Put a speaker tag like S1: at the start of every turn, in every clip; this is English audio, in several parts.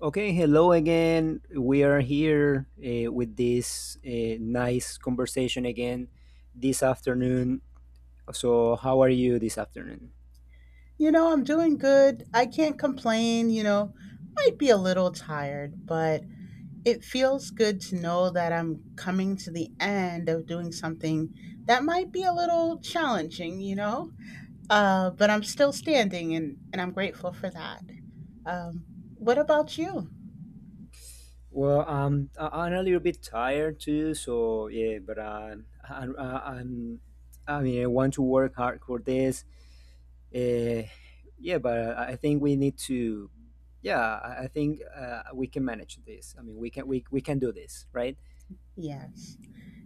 S1: Okay, hello again. We are here with this nice conversation again this afternoon. So, how are you this afternoon?
S2: I'm doing good. I can't complain. Might be a little tired, but it feels good to know that I'm coming to the end of doing something that might be a little challenging, you know? But I'm still standing and I'm grateful for that. Um, what about you?
S1: Well, I'm a little bit tired too, so yeah, but I mean, I want to work hard for this. Uh, yeah, but I think we need to, yeah, I think we can manage this. I mean, we can do this, right?
S2: Yes.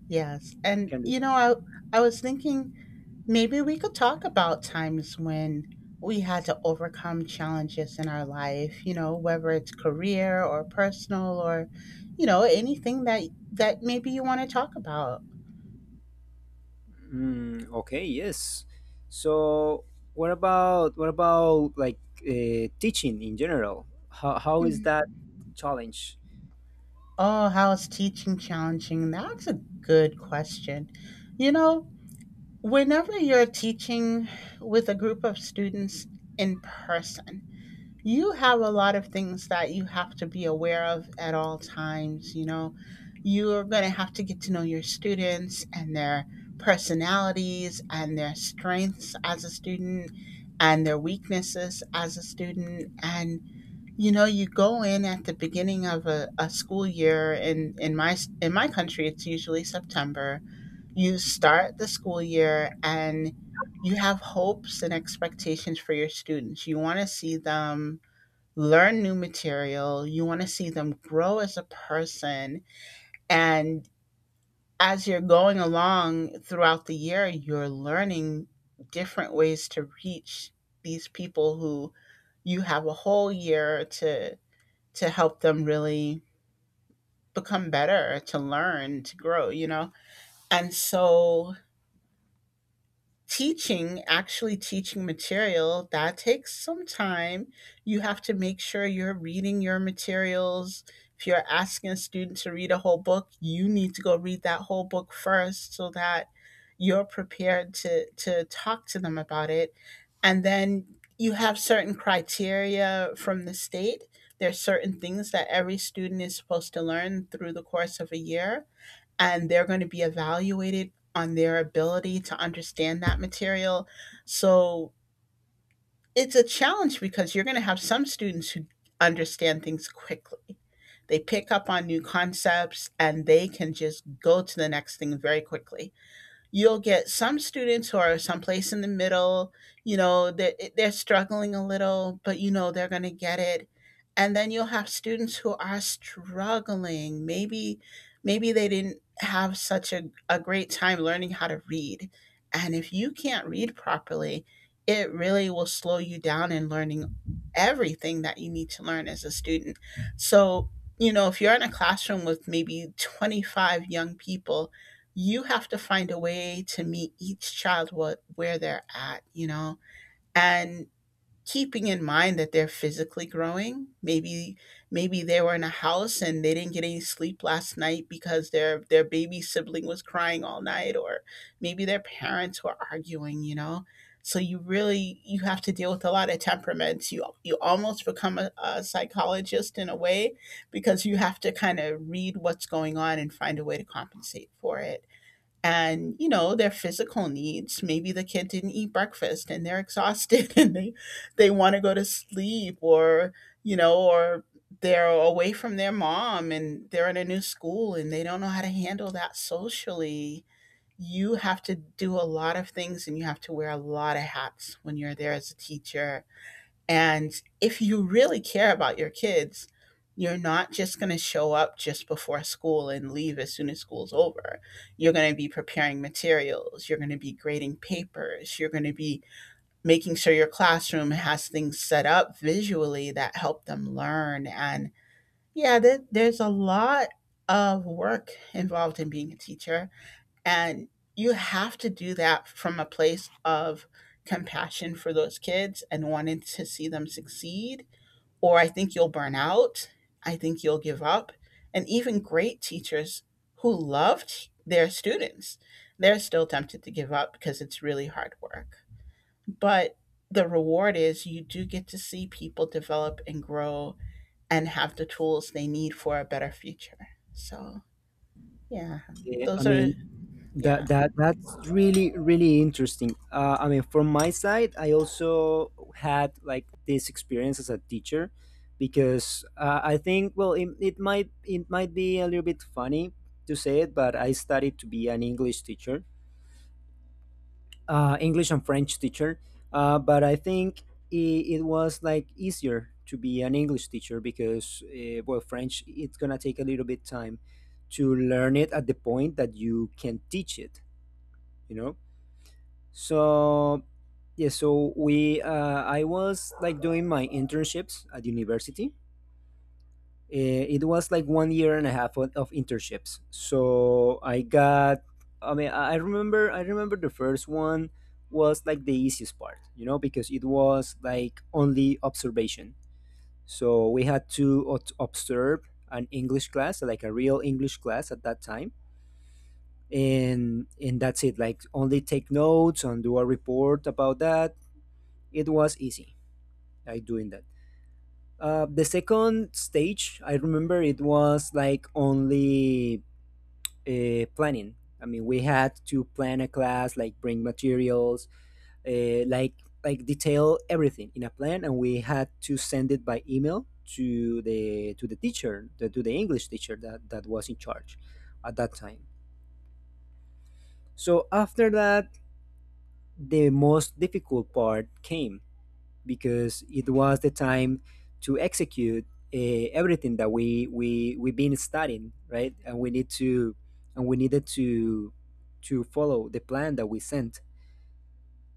S2: Yes. And
S1: Can do.
S2: you know, I I was thinking, maybe we could talk about times when we had to overcome challenges in our life, whether it's career or personal or anything that maybe you want to talk about.
S1: Mm, okay, yes. So, what about like teaching in general? How is
S2: Mhm.
S1: that challenge?
S2: Oh, how is teaching challenging? That's a good question. You know, Whenever you're teaching with a group of students in person, you have a lot of things that you have to be aware of at all times. You are going to have to get to know your students and their personalities and their strengths as a student and their weaknesses as a student. And you go in at the beginning of a school year in my country. It's usually September. You start the school year, and you have hopes and expectations for your students. You want to see them learn new material. You want to see them grow as a person. And as you're going along throughout the year, you're learning different ways to reach these people who you have a whole year to help them really become better, to learn, to grow. And so teaching, actually teaching material, that takes some time. You have to make sure you're reading your materials. If you're asking a student to read a whole book, you need to go read that whole book first, so that you're prepared to talk to them about it. And then you have certain criteria from the state. There's certain things that every student is supposed to learn through the course of a year, and they're going to be evaluated on their ability to understand that material. So it's a challenge because you're going to have some students who understand things quickly. They pick up on new concepts and they can just go to the next thing very quickly. You'll get some students who are someplace in the middle. You know, they're struggling a little, but you know they're going to get it. And then you'll have students who are struggling. Maybe they didn't have such a great time learning how to read. And if you can't read properly, it really will slow you down in learning everything that you need to learn as a student. So, if you're in a classroom with maybe 25 young people, you have to find a way to meet each child what where they're at, and keeping in mind that they're physically growing. Maybe they were in a house and they didn't get any sleep last night because their baby sibling was crying all night, or maybe their parents were arguing, so you really, you have to deal with a lot of temperaments. You almost become a psychologist in a way, because you have to kind of read what's going on and find a way to compensate for it. And you know their physical needs. Maybe the kid didn't eat breakfast and they're exhausted and they want to go to sleep, or or they're away from their mom and they're in a new school and they don't know how to handle that socially. You have to do a lot of things, and you have to wear a lot of hats when you're there as a teacher. And if you really care about your kids, you're not just going to show up just before school and leave as soon as school's over. You're going to be preparing materials. You're going to be grading papers. You're going to be making sure your classroom has things set up visually that help them learn. And yeah, there's a lot of work involved in being a teacher. And you have to do that from a place of compassion for those kids and wanting to see them succeed. Or I think you'll burn out. I think you'll give up. And even great teachers who loved their students, they're still tempted to give up because it's really hard work. But the reward is, you do get to see people develop and grow and have the tools they need for a better future. So, yeah,
S1: Yeah, I
S2: those are,
S1: mean,
S2: yeah.
S1: that's really really interesting. I mean, from my side, I also had like this experience as a teacher, because I think well, it might be a little bit funny to say it, but I studied to be an English teacher, English and French teacher, but I think it was like easier to be an English teacher because well, French it's gonna take a little bit time to learn it at the point that you can teach it, you know. So yeah, so we I was like doing my internships at university. Eh, it was like 1 year and a half of internships. So I got. I mean, I remember the first one was like the easiest part, you know, because it was like only observation. So we had to observe an English class, like a real English class at that time, and that's it. Like only take notes and do a report about that. It was easy, like doing that. The second stage, I remember it was like only planning. I mean, we had to plan a class, like bring materials, uh, like like detail everything in a plan, and we had to send it by email to the teacher, to the English teacher that was in charge at that time. So after that, the most difficult part came because it was the time to execute everything that we've been studying, right? And we needed to follow the plan that we sent.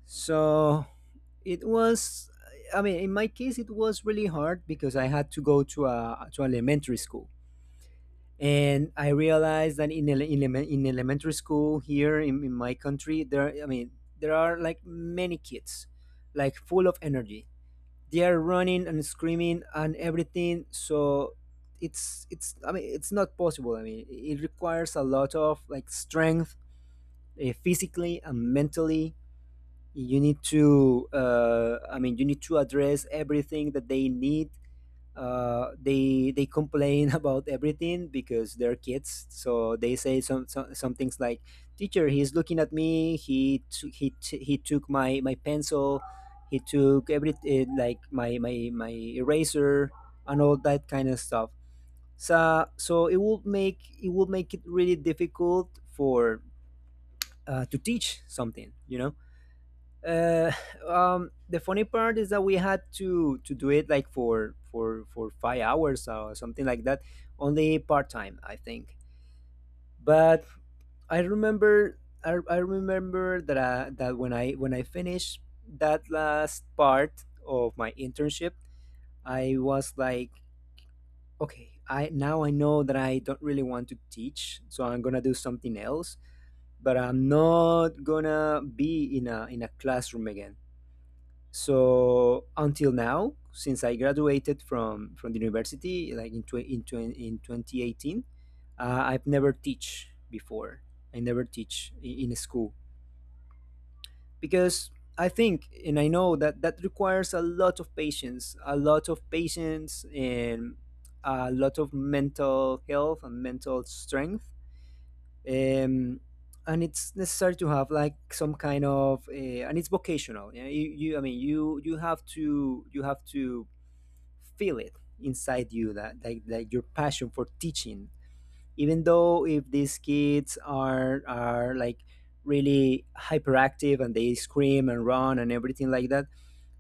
S1: So it was I mean, in my case, it was really hard because I had to go to a to an elementary school, and I realized that in elementary school here in my country, there I mean, there are like many kids, like full of energy, they are running and screaming and everything. So it's I mean, it's not possible. I mean, it requires a lot of like strength, physically and mentally. You need to I mean, you need to address everything that they need. They complain about everything because they're kids. So they say some things like, "Teacher, he's looking at me. He took my pencil. He took every like my eraser and all that kind of stuff." So it will make it will make it really difficult for to teach something, you know. uh, the funny part is that we had to do it like for 5 hours or something like that, only part time, I think. But I remember, I remember that that when I finished that last part of my internship, I was like, okay, I now I know that I don't really want to teach, so I'm gonna do something else. But I'm not gonna be in a classroom again. So until now, since I graduated from the university, like in 2018, I've never teach before. I never teach in a school because I think and I know that that requires a lot of patience, a lot of patience and a lot of mental health and mental strength. um, and it's necessary to have like some kind of and it's vocational. Yeah, you I mean you have to feel it inside you that like your passion for teaching, even though if these kids are like really hyperactive and they scream and run and everything like that.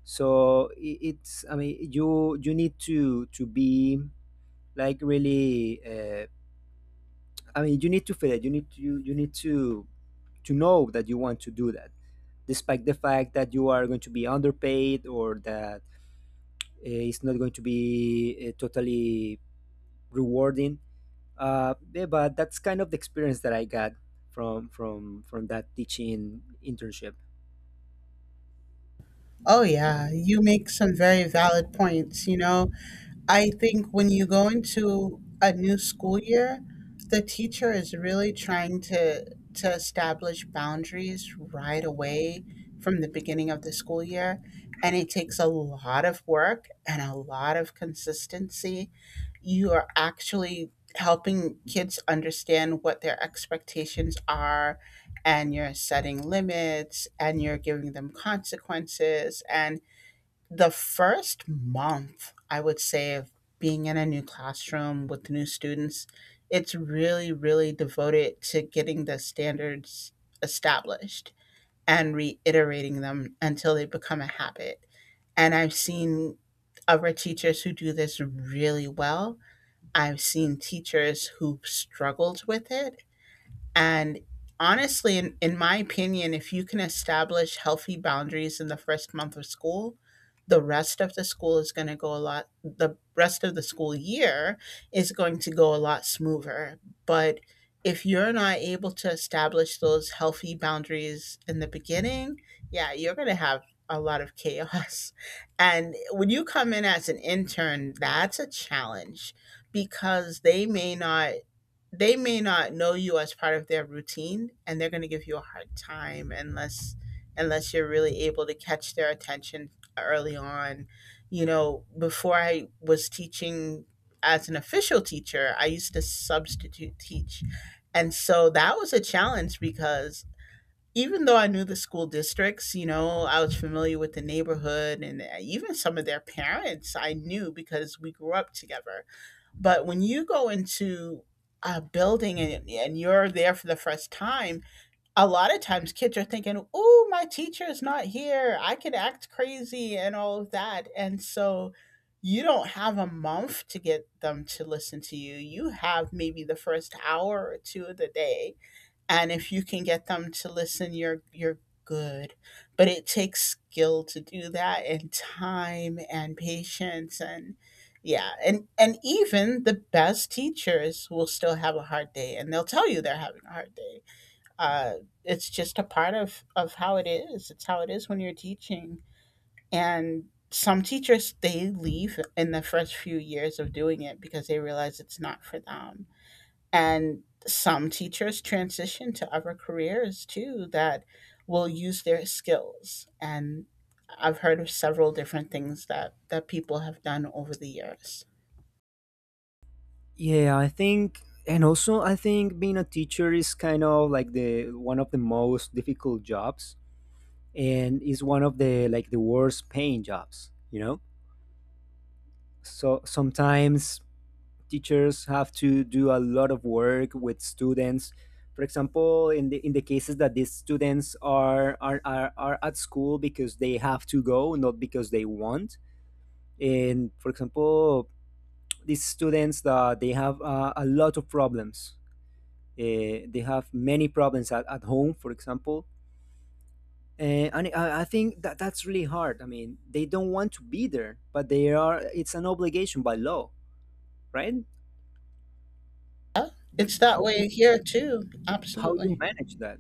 S1: So it's I mean you need to be like really I mean, you need to feel it. You need to you need to know that you want to do that, despite the fact that you are going to be underpaid or that it's not going to be totally rewarding. Yeah, but that's kind of the experience that I got from that teaching internship.
S2: Oh, yeah, you make some very valid points. I think when you go into a new school year, the teacher is really trying to establish boundaries right away from the beginning of the school year, and it takes a lot of work and a lot of consistency. You are actually helping kids understand what their expectations are, and you're setting limits, and you're giving them consequences, and the first month, I would say, of being in a new classroom with new students, it's really, really devoted to getting the standards established and reiterating them until they become a habit. And I've seen other teachers who do this really well. I've seen teachers who struggled with it. And honestly, in my opinion, if you can establish healthy boundaries in the first month of school, the rest of the school is going to go a lot, the rest of the school year is going to go a lot smoother. But if you're not able to establish those healthy boundaries in the beginning, yeah, you're going to have a lot of chaos. And when you come in as an intern, that's a challenge because they may not know you as part of their routine, and they're going to give you a hard time unless you're really able to catch their attention early on. Before I was teaching as an official teacher, I used to substitute teach. And so that was a challenge because even though I knew the school districts, I was familiar with the neighborhood, and even some of their parents I knew because we grew up together. But when you go into a building, and you're there for the first time, a lot of times kids are thinking, oh, my teacher is not here, I can act crazy and all of that. And so you don't have a month to get them to listen to you. You have maybe the first hour or two of the day, and if you can get them to listen, you're good. But it takes skill to do that, and time, and patience. And yeah, and even the best teachers will still have a hard day, and they'll tell you they're having a hard day. uh, it's just a part of how it is. It's how it is when you're teaching. And some teachers, they leave in the first few years of doing it because they realize it's not for them. And some teachers transition to other careers too, that will use their skills. And I've heard of several different things that people have done over the years.
S1: Yeah, I think, and also I think being a teacher is kind of like the one of the most difficult jobs, and is one of the like the worst paying jobs. You know. So sometimes teachers have to do a lot of work with students. For example, in the cases that these students are at school because they have to go, not because they want. And for example, these students that they have a lot of problems. They have many problems at home, for example. And I think that that's really hard. I mean, they don't want to be there, but they are. It's an obligation by law, right?
S2: It's that
S1: How?
S2: way here too.
S1: How you
S2: Absolutely.
S1: manage that.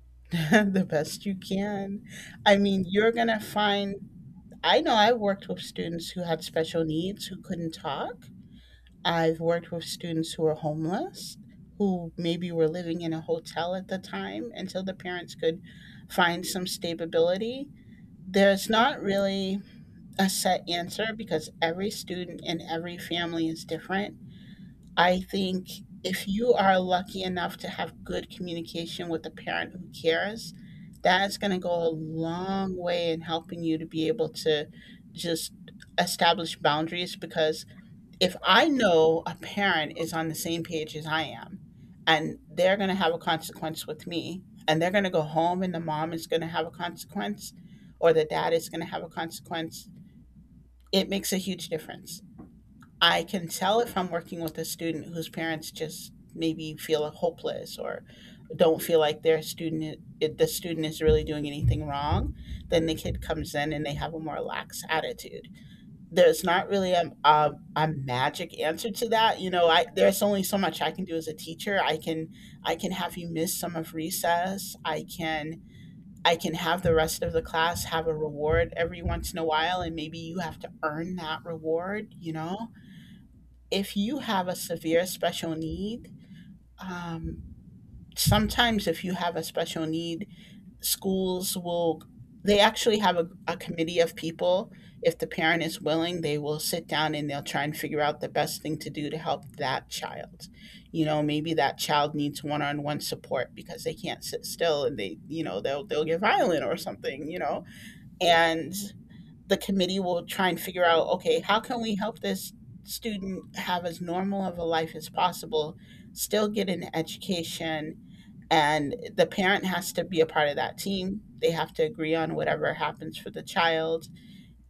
S2: The best you can. I mean, you're going to find, I know I worked with students who had special needs who couldn't talk. I've worked with students who are homeless, who maybe were living in a hotel at the time until the parents could find some stability. There's not really a set answer, because every student and every family is different. I think if you are lucky enough to have good communication with a parent who cares, that's going to go a long way in helping you to be able to just establish boundaries. Because if I know a parent is on the same page as I am, and they're going to have a consequence with me, and they're going to go home and the mom is going to have a consequence or the dad is going to have a consequence, it makes a huge difference. I can tell, if I'm working with a student whose parents just maybe feel hopeless or don't feel like the student is really doing anything wrong, then the kid comes in and they have a more lax attitude. There's not really a magic answer to that. You know, I there's only so much I can do as a teacher. I can have you miss some of recess. I can have the rest of the class have a reward every once in a while. And maybe you have to earn that reward, you know? If you have a severe special need, um, sometimes if you have a special need, schools will, they actually have a committee of people. If the parent is willing, they will sit down and they'll try and figure out the best thing to do to help that child. You know, maybe that child needs one-on-one support because they can't sit still and they'll get violent or something, you know. And the committee will try and figure out, okay, how can we help this student have as normal of a life as possible, still get an education. And the parent has to be a part of that team. They have to agree on whatever happens for the child.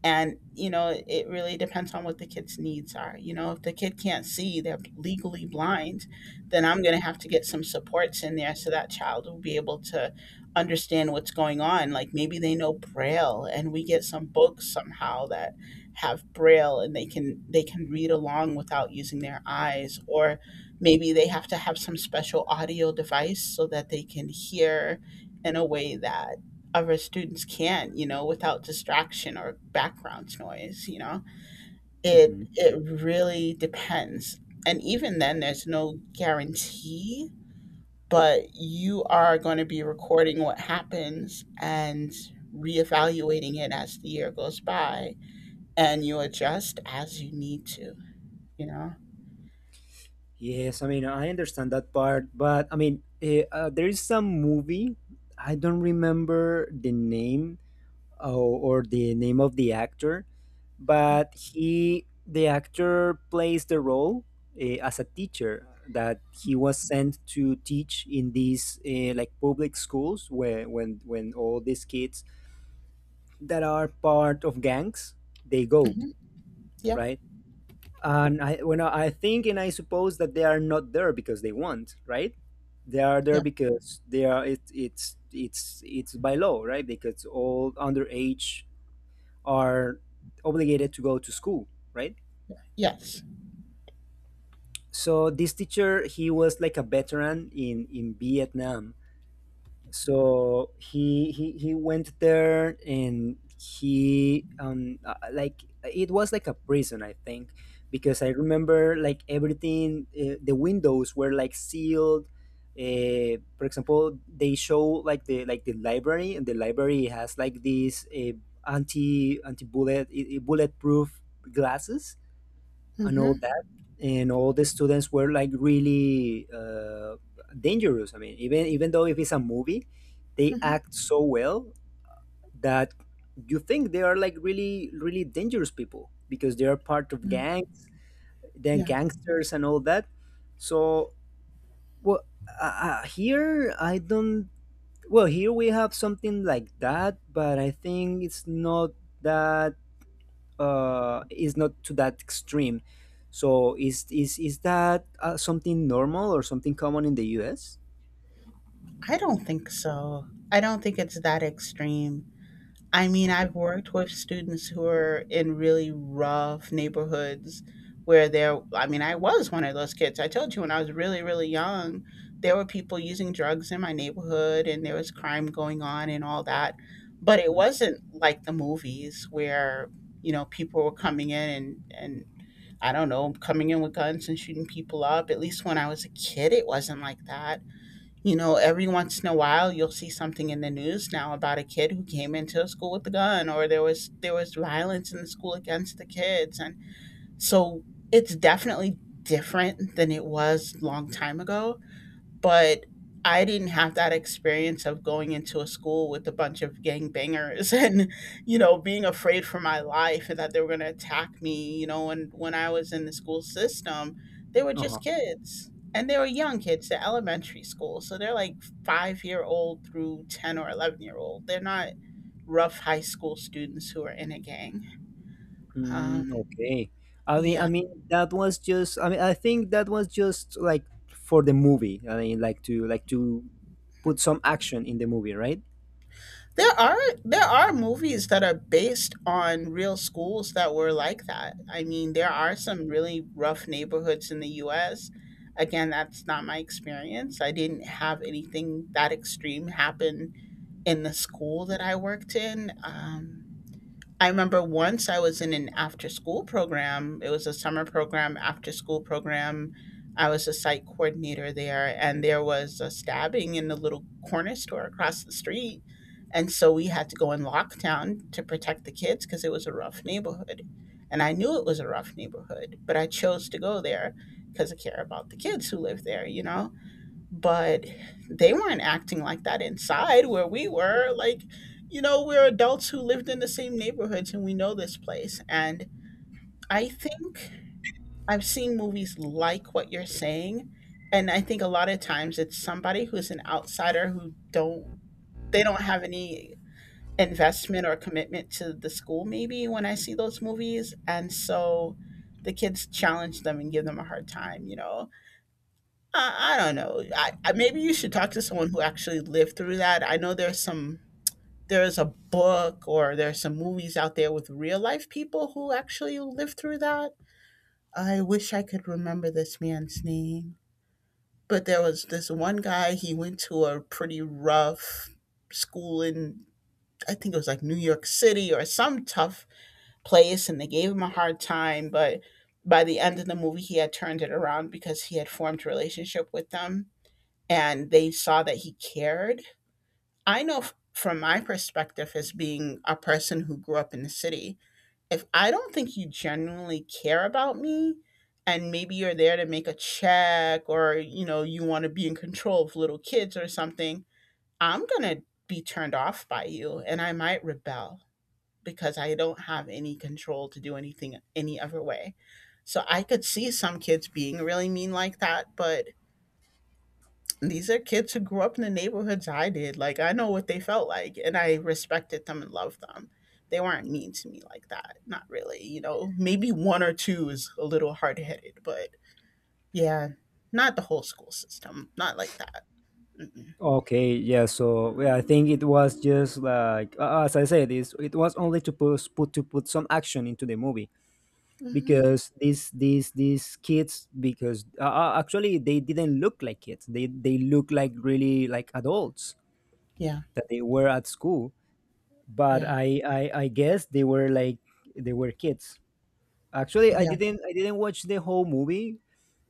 S2: And you know, it really depends on what the kid's needs are. You know, if the kid can't see, they're legally blind, then I'm going to have to get some supports in there so that child will be able to understand what's going on. Like, maybe they know braille and we get some books somehow that have braille and they can read along without using their eyes. Or maybe they have to have some special audio device so that they can hear in a way that other students can, you know, without distraction or background noise, you know. It
S1: Hmm.
S2: it really depends. And even then there's no guarantee, but you are going to be recording what happens and reevaluating it as the year goes by, and you adjust as you need to, you know.
S1: Yes, I mean, I understand that part, but I mean, there is some movie, I don't remember the name or the name of the actor, but the actor plays the role as a teacher that he was sent to teach in these like public schools where when all these kids that are part of gangs, they go,
S2: Hmm. Yeah.
S1: right? And I when I think and I suppose that they are not there because they want, right? They are there
S2: Yeah.
S1: because they are it's by law, right? Because all underage are obligated to go to school, right?
S2: Yes.
S1: So this teacher, he was like a veteran in Vietnam, so he went there and he like it was like a prison, I think, because I remember like everything. The windows were like sealed. For example, they show like the library, and the library has like these anti bullet bulletproof glasses and all
S2: Mhm.
S1: that, and all the students were like really dangerous. I mean, even though if it's a movie, they act so well that you think they are like really really dangerous people because they are part of
S2: Mhm.
S1: gangs, they're
S2: Yeah.
S1: gangsters and all that. So well, here I don't, well, here we have something like that, but I think it's not that is not to that extreme. So is that something normal or something common in the U.S.?
S2: I don't think so. I don't think it's that extreme. I mean,
S1: Oh,
S2: I've worked with students who are in really rough neighborhoods where there, I mean, I was one of those kids. I told you, when I was really, really young, there were people using drugs in my neighborhood and there was crime going on and all that. But it
S1: mhm.
S2: wasn't like the movies where, you know, people were coming in and I don't know, coming in with guns and shooting people up. At least when I was a kid, it wasn't like that. You know, every once in a while you'll see something in the news now about a kid who came into a school with a gun, or there was violence in the school against the kids. And so it's definitely different than it was long time ago. But I didn't have that experience of going into a school with a bunch of gangbangers and, you know, being afraid for my life and that they were going to attack me, you know. And when I was in the school system, they were just
S1: Uh-huh.
S2: kids. And they were young kids, they're elementary school. So they're like 5-year-old through 10 or 11-year-old. They're not rough high school students who are in a gang. Um,
S1: Mm, okay. I mean,
S2: yeah.
S1: that was just. I mean, I think that was just like for the movie. I mean, like to
S2: Hmm.
S1: put some action in the movie, right?
S2: There are there are movies that are based on real schools that were like that. I mean, there are some really rough neighborhoods in the US. Again, that's not my experience. I didn't have anything that extreme happen in the school that I worked in. I remember once I was in an after school program. It was a summer program, after school program. I was a site coordinator there, and there was a stabbing in the little corner store across the street. And so we had to go in lockdown to protect the kids because it was a rough neighborhood. And I knew it was a rough neighborhood, but I chose to go there because I care about the kids who live there, you know? But they weren't acting like that inside where we were. Like, you know, we're adults who lived in the same neighborhoods and we know this place. And I think I've seen movies like what you're saying, and I think a lot of times it's somebody who's an outsider who don't, they don't have any investment or commitment to the school, maybe, when I see those movies. And so the kids challenge them and give them a hard time, you know. I don't know. I maybe you should talk to someone who actually lived through that. I know there's some, there's a book or there's some movies out there with real life people who actually lived through that. I wish I could remember this man's name, but there was this one guy. He went to a pretty rough school in, I think it was like New York City or some tough place, and they gave him a hard time. But by the end of the movie, he had turned it around because he had formed a relationship with them and they saw that he cared. I know from my perspective as being a person who grew up in the city, if I don't think you genuinely care about me, and maybe you're there to make a check or you know you want to be in control of little kids or something, I'm going to be turned off by you and I might rebel because I don't have any control to do anything any other way. So I could see some kids being really mean like that, but these are kids who grew up in the neighborhoods I did. Like, I know what they felt like, and I respected them and loved them. They weren't mean to me like that. Not really, you know. Maybe one or two is a little hard headed, but yeah, not the whole school system. Not like that. Mm-mm.
S1: Okay, yeah. So yeah, I think it was just like as I said, this it was only to put, put to put some action into the movie
S2: Hmm.
S1: because these kids because actually they didn't look like kids. They look like really like adults
S2: Yeah,
S1: that they were at school. But
S2: yeah,
S1: I guess they were like they were kids. Actually,
S2: yeah,
S1: I didn't watch the whole movie.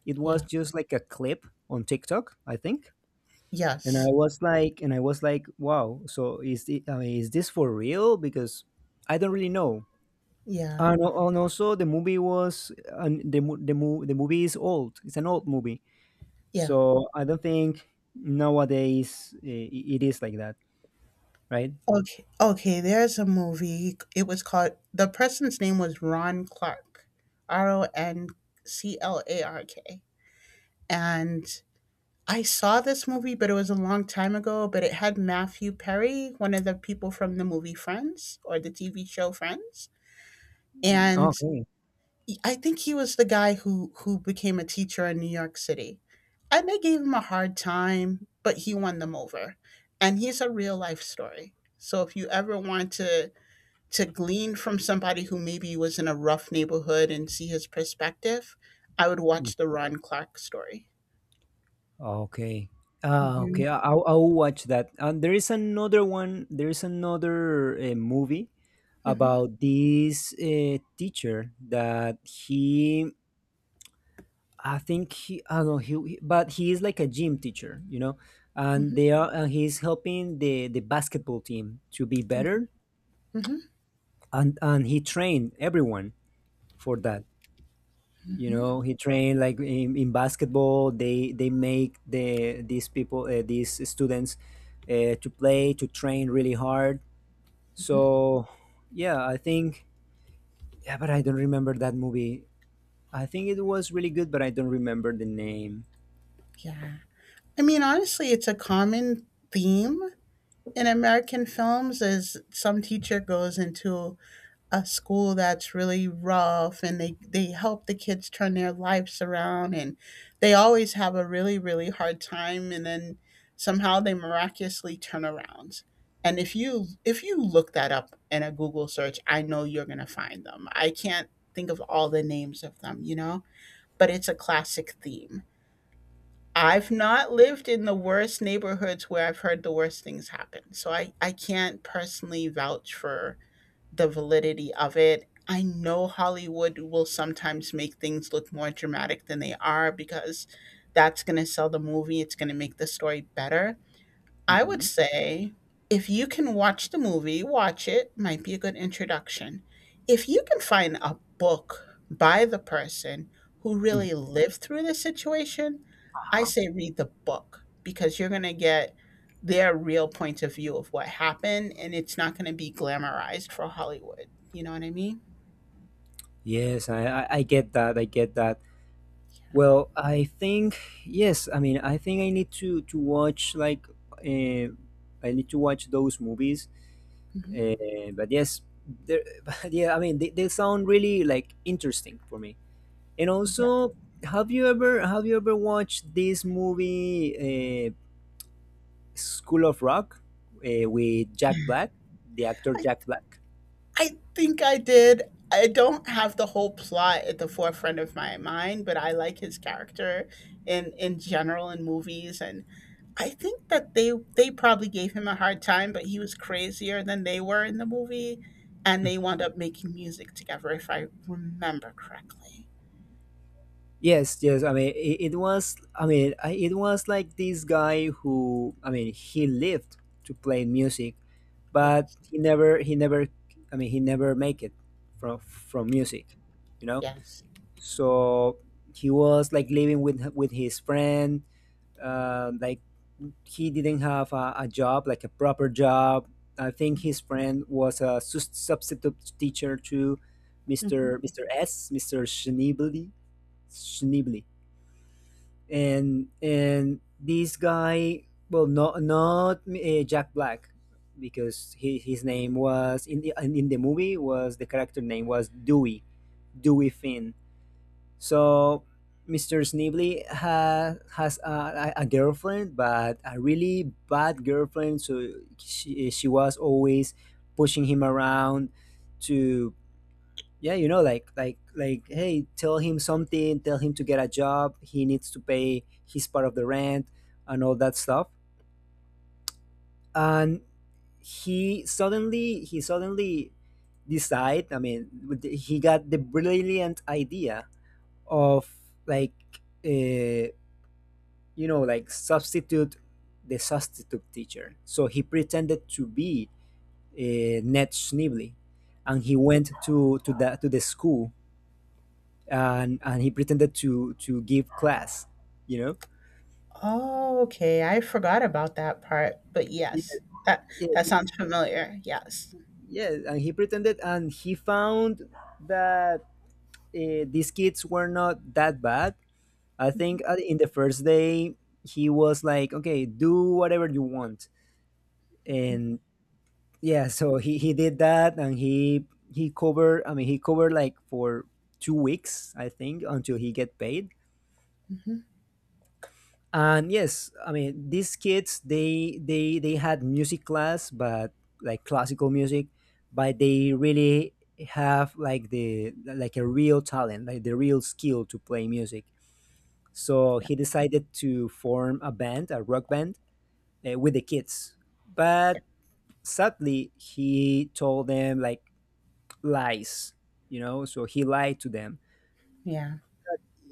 S1: It was
S2: yeah.
S1: just like a clip on TikTok, I think. And I
S2: Yes,
S1: was like, wow. So is the, I mean, is this for real? Because I don't really know.
S2: yeah,
S1: And, and also, the movie was and the mo- the, mo- the movie is old. It's an old movie,
S2: yeah.
S1: so I don't think nowadays it is like that, right?
S2: Okay, okay. There's a movie. It was called, the person's name was Ron Clark, Ron Clark, and I saw this movie, but it was a long time ago. But it had Matthew Perry, one of the people from the movie Friends or the TV show Friends,
S1: Mm,
S2: and
S1: okay.
S2: I think he was the guy who became a teacher in New York City, and they gave him a hard time, but he won them over, and he's a real life story. So if you ever want to glean from somebody who maybe was in a rough neighborhood and see his perspective, I would watch the Ron Clark story.
S1: Okay. Ah,
S2: Hmm.
S1: okay. I'll watch that. And there is another one. There is another movie
S2: Hmm.
S1: about this teacher that I think I don't know, but he is like a gym teacher, you know, and
S2: Hmm.
S1: they are, and he's helping the basketball team to be better,
S2: Hmm.
S1: and he trained everyone for that. You know, he trained like in basketball, they make these people these students to play to train really hard. So yeah, I think, yeah, but I don't remember that movie. I think it was really good, but I don't remember the name.
S2: Yeah. I mean, honestly, it's a common theme in American films, is some teacher goes into a school that's really rough and they help the kids turn their lives around, and they always have a really really hard time, and then somehow they miraculously turn around. And if you look that up in a Google search, I know you're going to find them. I can't think of all the names of them, you know, but it's a classic theme. I've not lived in the worst neighborhoods where I've heard the worst things happen. So I can't personally vouch for the validity of it. I know Hollywood will sometimes make things look more dramatic than they are because that's going to sell the movie. It's going to make the story better. I would
S1: Hmm.
S2: say if you can watch the movie, watch it, might be a good introduction. If you can find a book by the person who really lived through the situation, I
S1: Uh-huh.
S2: say read the book because you're going to get their real point of view of what happened and it's not going to be glamorized for Hollywood. You know what I mean?
S1: Yes, I get that. I get that. Well, I think I need to watch, like, uh, I need to watch those movies.
S2: Mhm.
S1: But yes, but yeah, I mean they sound really, like, interesting for me. And also, have you ever watched this movie, School of Rock, with Jack
S2: Yeah.
S1: Black, the actor Jack Black?
S2: I think I did. I don't have the whole plot at the forefront of my mind, but I like his character in general in movies. And I think that they probably gave him a hard time, but he was crazier than they were in the movie, and
S1: Mm.
S2: they wound up making music together if I remember correctly.
S1: Yes. I mean, it was. I mean, I, it was like this guy who, I mean, he lived to play music, but
S2: Yes.
S1: he never. He never. I mean, he never make it from music. You know,
S2: Yes.
S1: so he was like living with his friend, like, he didn't have a job, like a proper job. I think his friend was a substitute teacher to
S2: Mhm.
S1: Mr. Schnibli, schnibli and this guy, well, not Jack Black, because his name was in the, in the movie, was, the character name was Dewey Finn. So Mr. Sneebly has a girlfriend, but a really bad girlfriend. So she was always pushing him around to, yeah, you know, like, like, hey, tell him something, tell him to get a job. He needs to pay his part of the rent and all that stuff. And he suddenly decide, I mean, he got the brilliant idea of, like. Uh, you know, like, substitute the substitute teacher. So he pretended to be, Ned Schneebly, and he went to the school and he pretended to give class. You know,
S2: Oh, okay. I forgot about that part, but
S1: yeah,
S2: yes. That
S1: yeah,
S2: that sounds familiar. Yes.
S1: yeah. And he pretended, and he found that, these kids were not that bad. I think, in the first day he was like, okay, do whatever you want, and yeah, so he did that, and he covered, I mean, he covered, like, for two weeks, I think, until he get paid.
S2: Mhm.
S1: And yes, I mean, these kids, they had music class, but like classical music, but they really have like the, like a real talent, like the real skill to play music. So
S2: Yeah.
S1: he decided to form a band, a rock band, with the kids. But sadly, he told them, like, lies, you know, so he lied to them
S2: Yeah.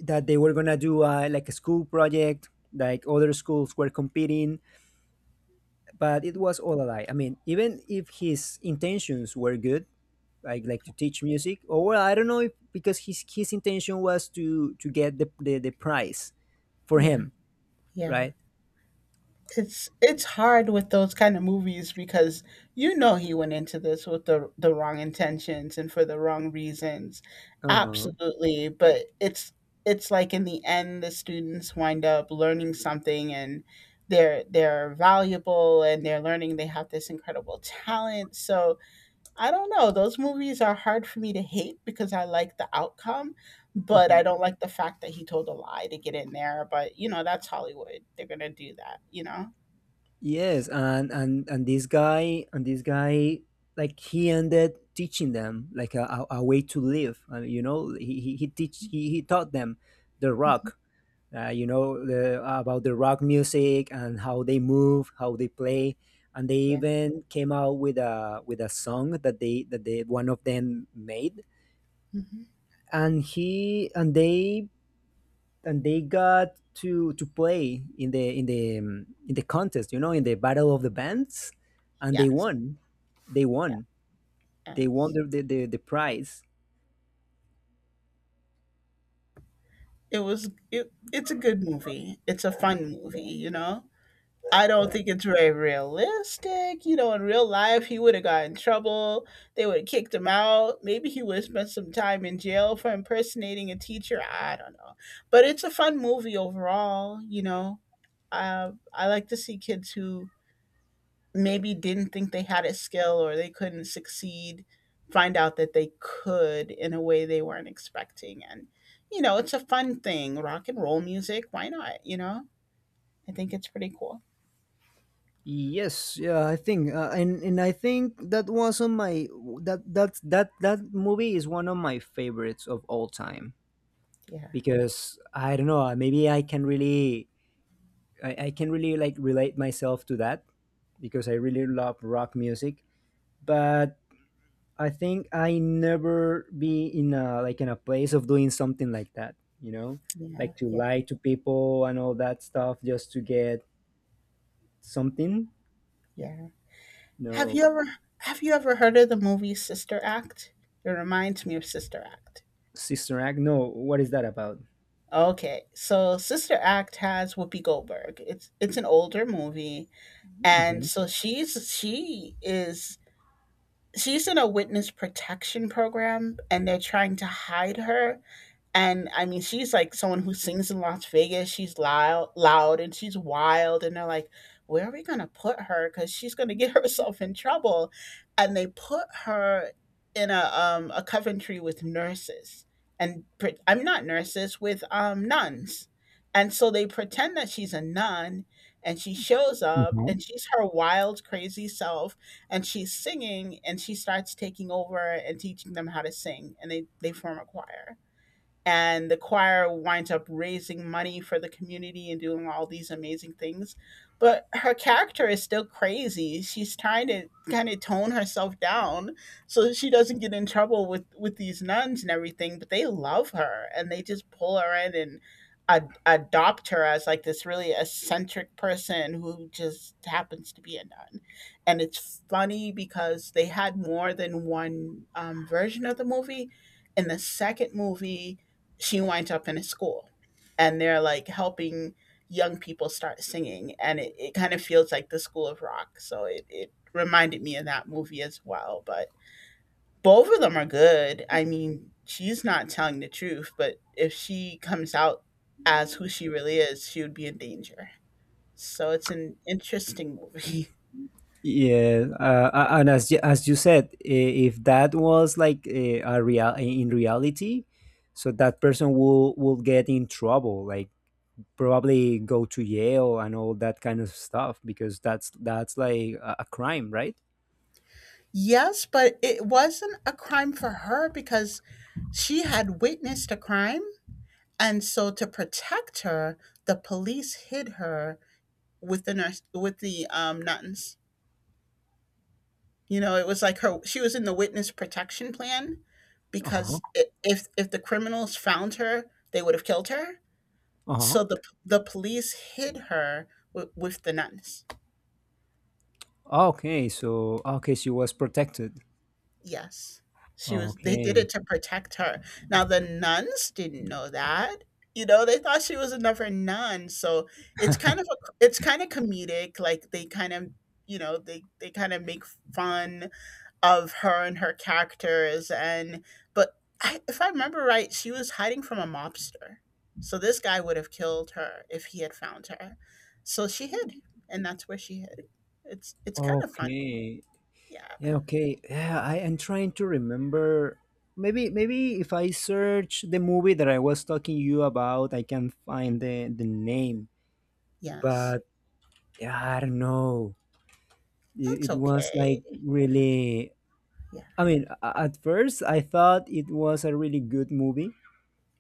S1: that they were gonna do, like, a school project, like other schools were competing. But it was all a lie. I mean, even if his intentions were good, like, to teach music. Or, well, I don't know, if because his intention was to get the prize for
S2: Yeah.
S1: him,
S2: Yeah.
S1: right.
S2: It's hard with those kind of movies because you know he went into this with the wrong intentions and for the wrong reasons.
S1: Uh-huh.
S2: Absolutely, but it's like in the end the students wind up learning something, and they're valuable and they're learning, they have this incredible talent. So, I don't know, those movies are hard for me to hate because I like the outcome, but
S1: Uh-huh.
S2: I don't like the fact that he told a lie to get in there. But you know, that's Hollywood. They're going to do that, you know.
S1: Yes, and and this guy, and this guy, like, he ended teaching them like a way to live. You know, he taught them the
S2: Mhm.
S1: rock. You know, about the rock music and how they move, how they play, and they
S2: Yeah.
S1: even came out with a, with a song that they, one of them, made,
S2: Mhm.
S1: and he and they got to play in the, in the in the contest, you know, in the battle of the bands, and they
S2: Yes.
S1: won. They
S2: Yeah.
S1: won. They won
S2: Yes.
S1: the prize.
S2: It was it, it's a good movie. It's a fun movie, you know. I don't think it's very realistic. You know, in real life he would have got in trouble. They would have kicked him out. Maybe he would have spent some time in jail for impersonating a teacher. I don't know. But it's a fun movie overall, you know. I like to see kids who maybe didn't think they had a skill or they couldn't succeed find out that they could in a way they weren't expecting and it's a fun thing, rock and roll music, why not. I think it's pretty cool.
S1: Yes, yeah, I think, and I think that was on my, that movie is one of my favorites of all time.
S2: Yeah,
S1: Because I don't know, maybe I can really, I can really, like, relate myself to that because I really love rock music. But I think I never be in a, like, in a place of doing something like that, you know,
S2: yeah,
S1: like to
S2: yeah,
S1: lie to people and all that stuff just to get something.
S2: yeah. have
S1: No.
S2: you ever have you ever heard of the movie Sister Act? It reminds me of Sister Act.
S1: Sister Act? No, what is that about?
S2: Okay, so Sister Act has Whoopi Goldberg. It's an older movie, and
S1: Hmm.
S2: she is, she's in a witness protection program and they're trying to hide her. And I mean, she's like someone who sings in Las Vegas. She's loud, loud, and she's wild. And they're like, "Where are we gonna put her? Because she's gonna get herself in trouble." And they put her in a Coventry with nurses, and I'm not, nurses with nuns. And so they pretend that she's a nun, and she shows up,
S1: Mhm.
S2: and she's her wild, crazy self, and she's singing, and she starts taking over and teaching them how to sing, and they form a choir, and the choir winds up raising money for the community and doing all these amazing things. But her character is still crazy. She's trying to kind of tone herself down so that she doesn't get in trouble with these nuns and everything, but they love her and they just pull her in and adopt her as like this really eccentric person who just happens to be a nun. And it's funny because they had more than one version of the movie. In the second movie, she winds up in a school and they're like helping young people start singing, and it kind of feels like the School of Rock. So it reminded me of that movie as well. But both of them are good. I mean, she's not telling the truth, but if she comes out as who she really is, she would be in danger. So it's an interesting movie.
S1: Yeah, and as you said, if that was like a real, in reality, so that person will get in trouble, like probably go to jail and all that kind of stuff, because that's like a crime, right?
S2: Yes, but it wasn't a crime for her because she had witnessed a crime. And so to protect her, the police hid her with the nurse, with the nuns. You know, it was like her. She was in the witness protection plan
S1: Uh-huh.
S2: because if the criminals found her, they would have killed her.
S1: Uh-huh.
S2: So the police hid her with the nuns.
S1: Ah, okay, so, ah, okay, she was protected.
S2: Yes. She was, they did it
S1: Okay.
S2: to protect her. Now the nuns didn't know that. You know, they thought she was another nun. So it's kind of a, it's kind of comedic, like they kind of, you know, they kind of make fun of her and her characters, and but I, if I remember right, she was hiding from a mobster. So this guy would have killed her if he had found her. So she hid, and that's where she hid. It's kind of funny.
S1: Okay.
S2: Yeah.
S1: Yeah, okay. Yeah, I am trying to remember, maybe, if I search the movie that I was talking you about, I can find the name.
S2: Yes.
S1: But yeah, I don't know.
S2: That's
S1: It was
S2: okay.
S1: like really.
S2: Yeah.
S1: I mean, at first, I thought it was a really good movie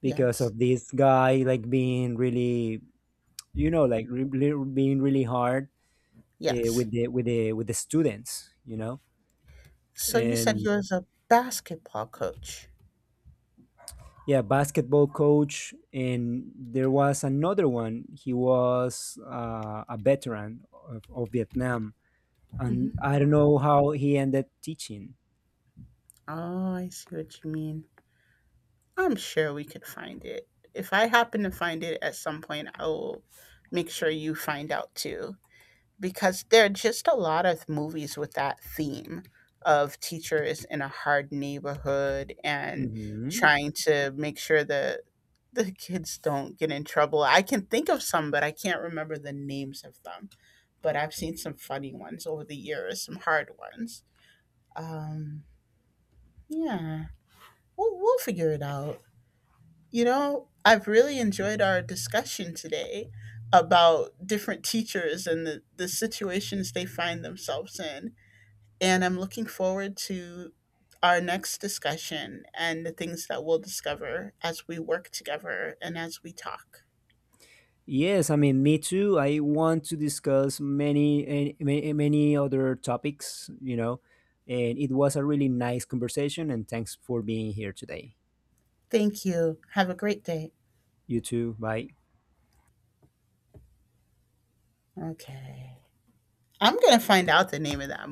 S1: because
S2: Yes.
S1: of this guy, like, being really, you know, like, being really hard,
S2: Yes.
S1: with the, with the, with the students, you know,
S2: So you said he
S1: and
S2: was a basketball coach.
S1: yeah, basketball coach. And there was another one. He was, a veteran of Vietnam, and
S2: Hmm.
S1: I don't know how he ended teaching.
S2: Oh, I see what you mean. I'm sure we could find it. If I happen to find it at some point, I will make sure you find out too. Because there are just a lot of movies with that theme of teachers in a hard neighborhood and
S1: Hmm.
S2: trying to make sure that the kids don't get in trouble. I can think of some, but I can't remember the names of them. But I've seen some funny ones over the years, some hard ones. Um, yeah, we'll figure it out. You know, I've really enjoyed our discussion today about different teachers and the situations they find themselves in. And I'm looking forward to our next discussion and the things that we'll discover as we work together and as we talk.
S1: Yes, I mean, me too. I want to discuss many, many other topics, you know, and it was a really nice conversation. And thanks for being here today.
S2: Thank you. Have a great day.
S1: You too. Bye.
S2: Okay. I'm going to find out the name of that movie.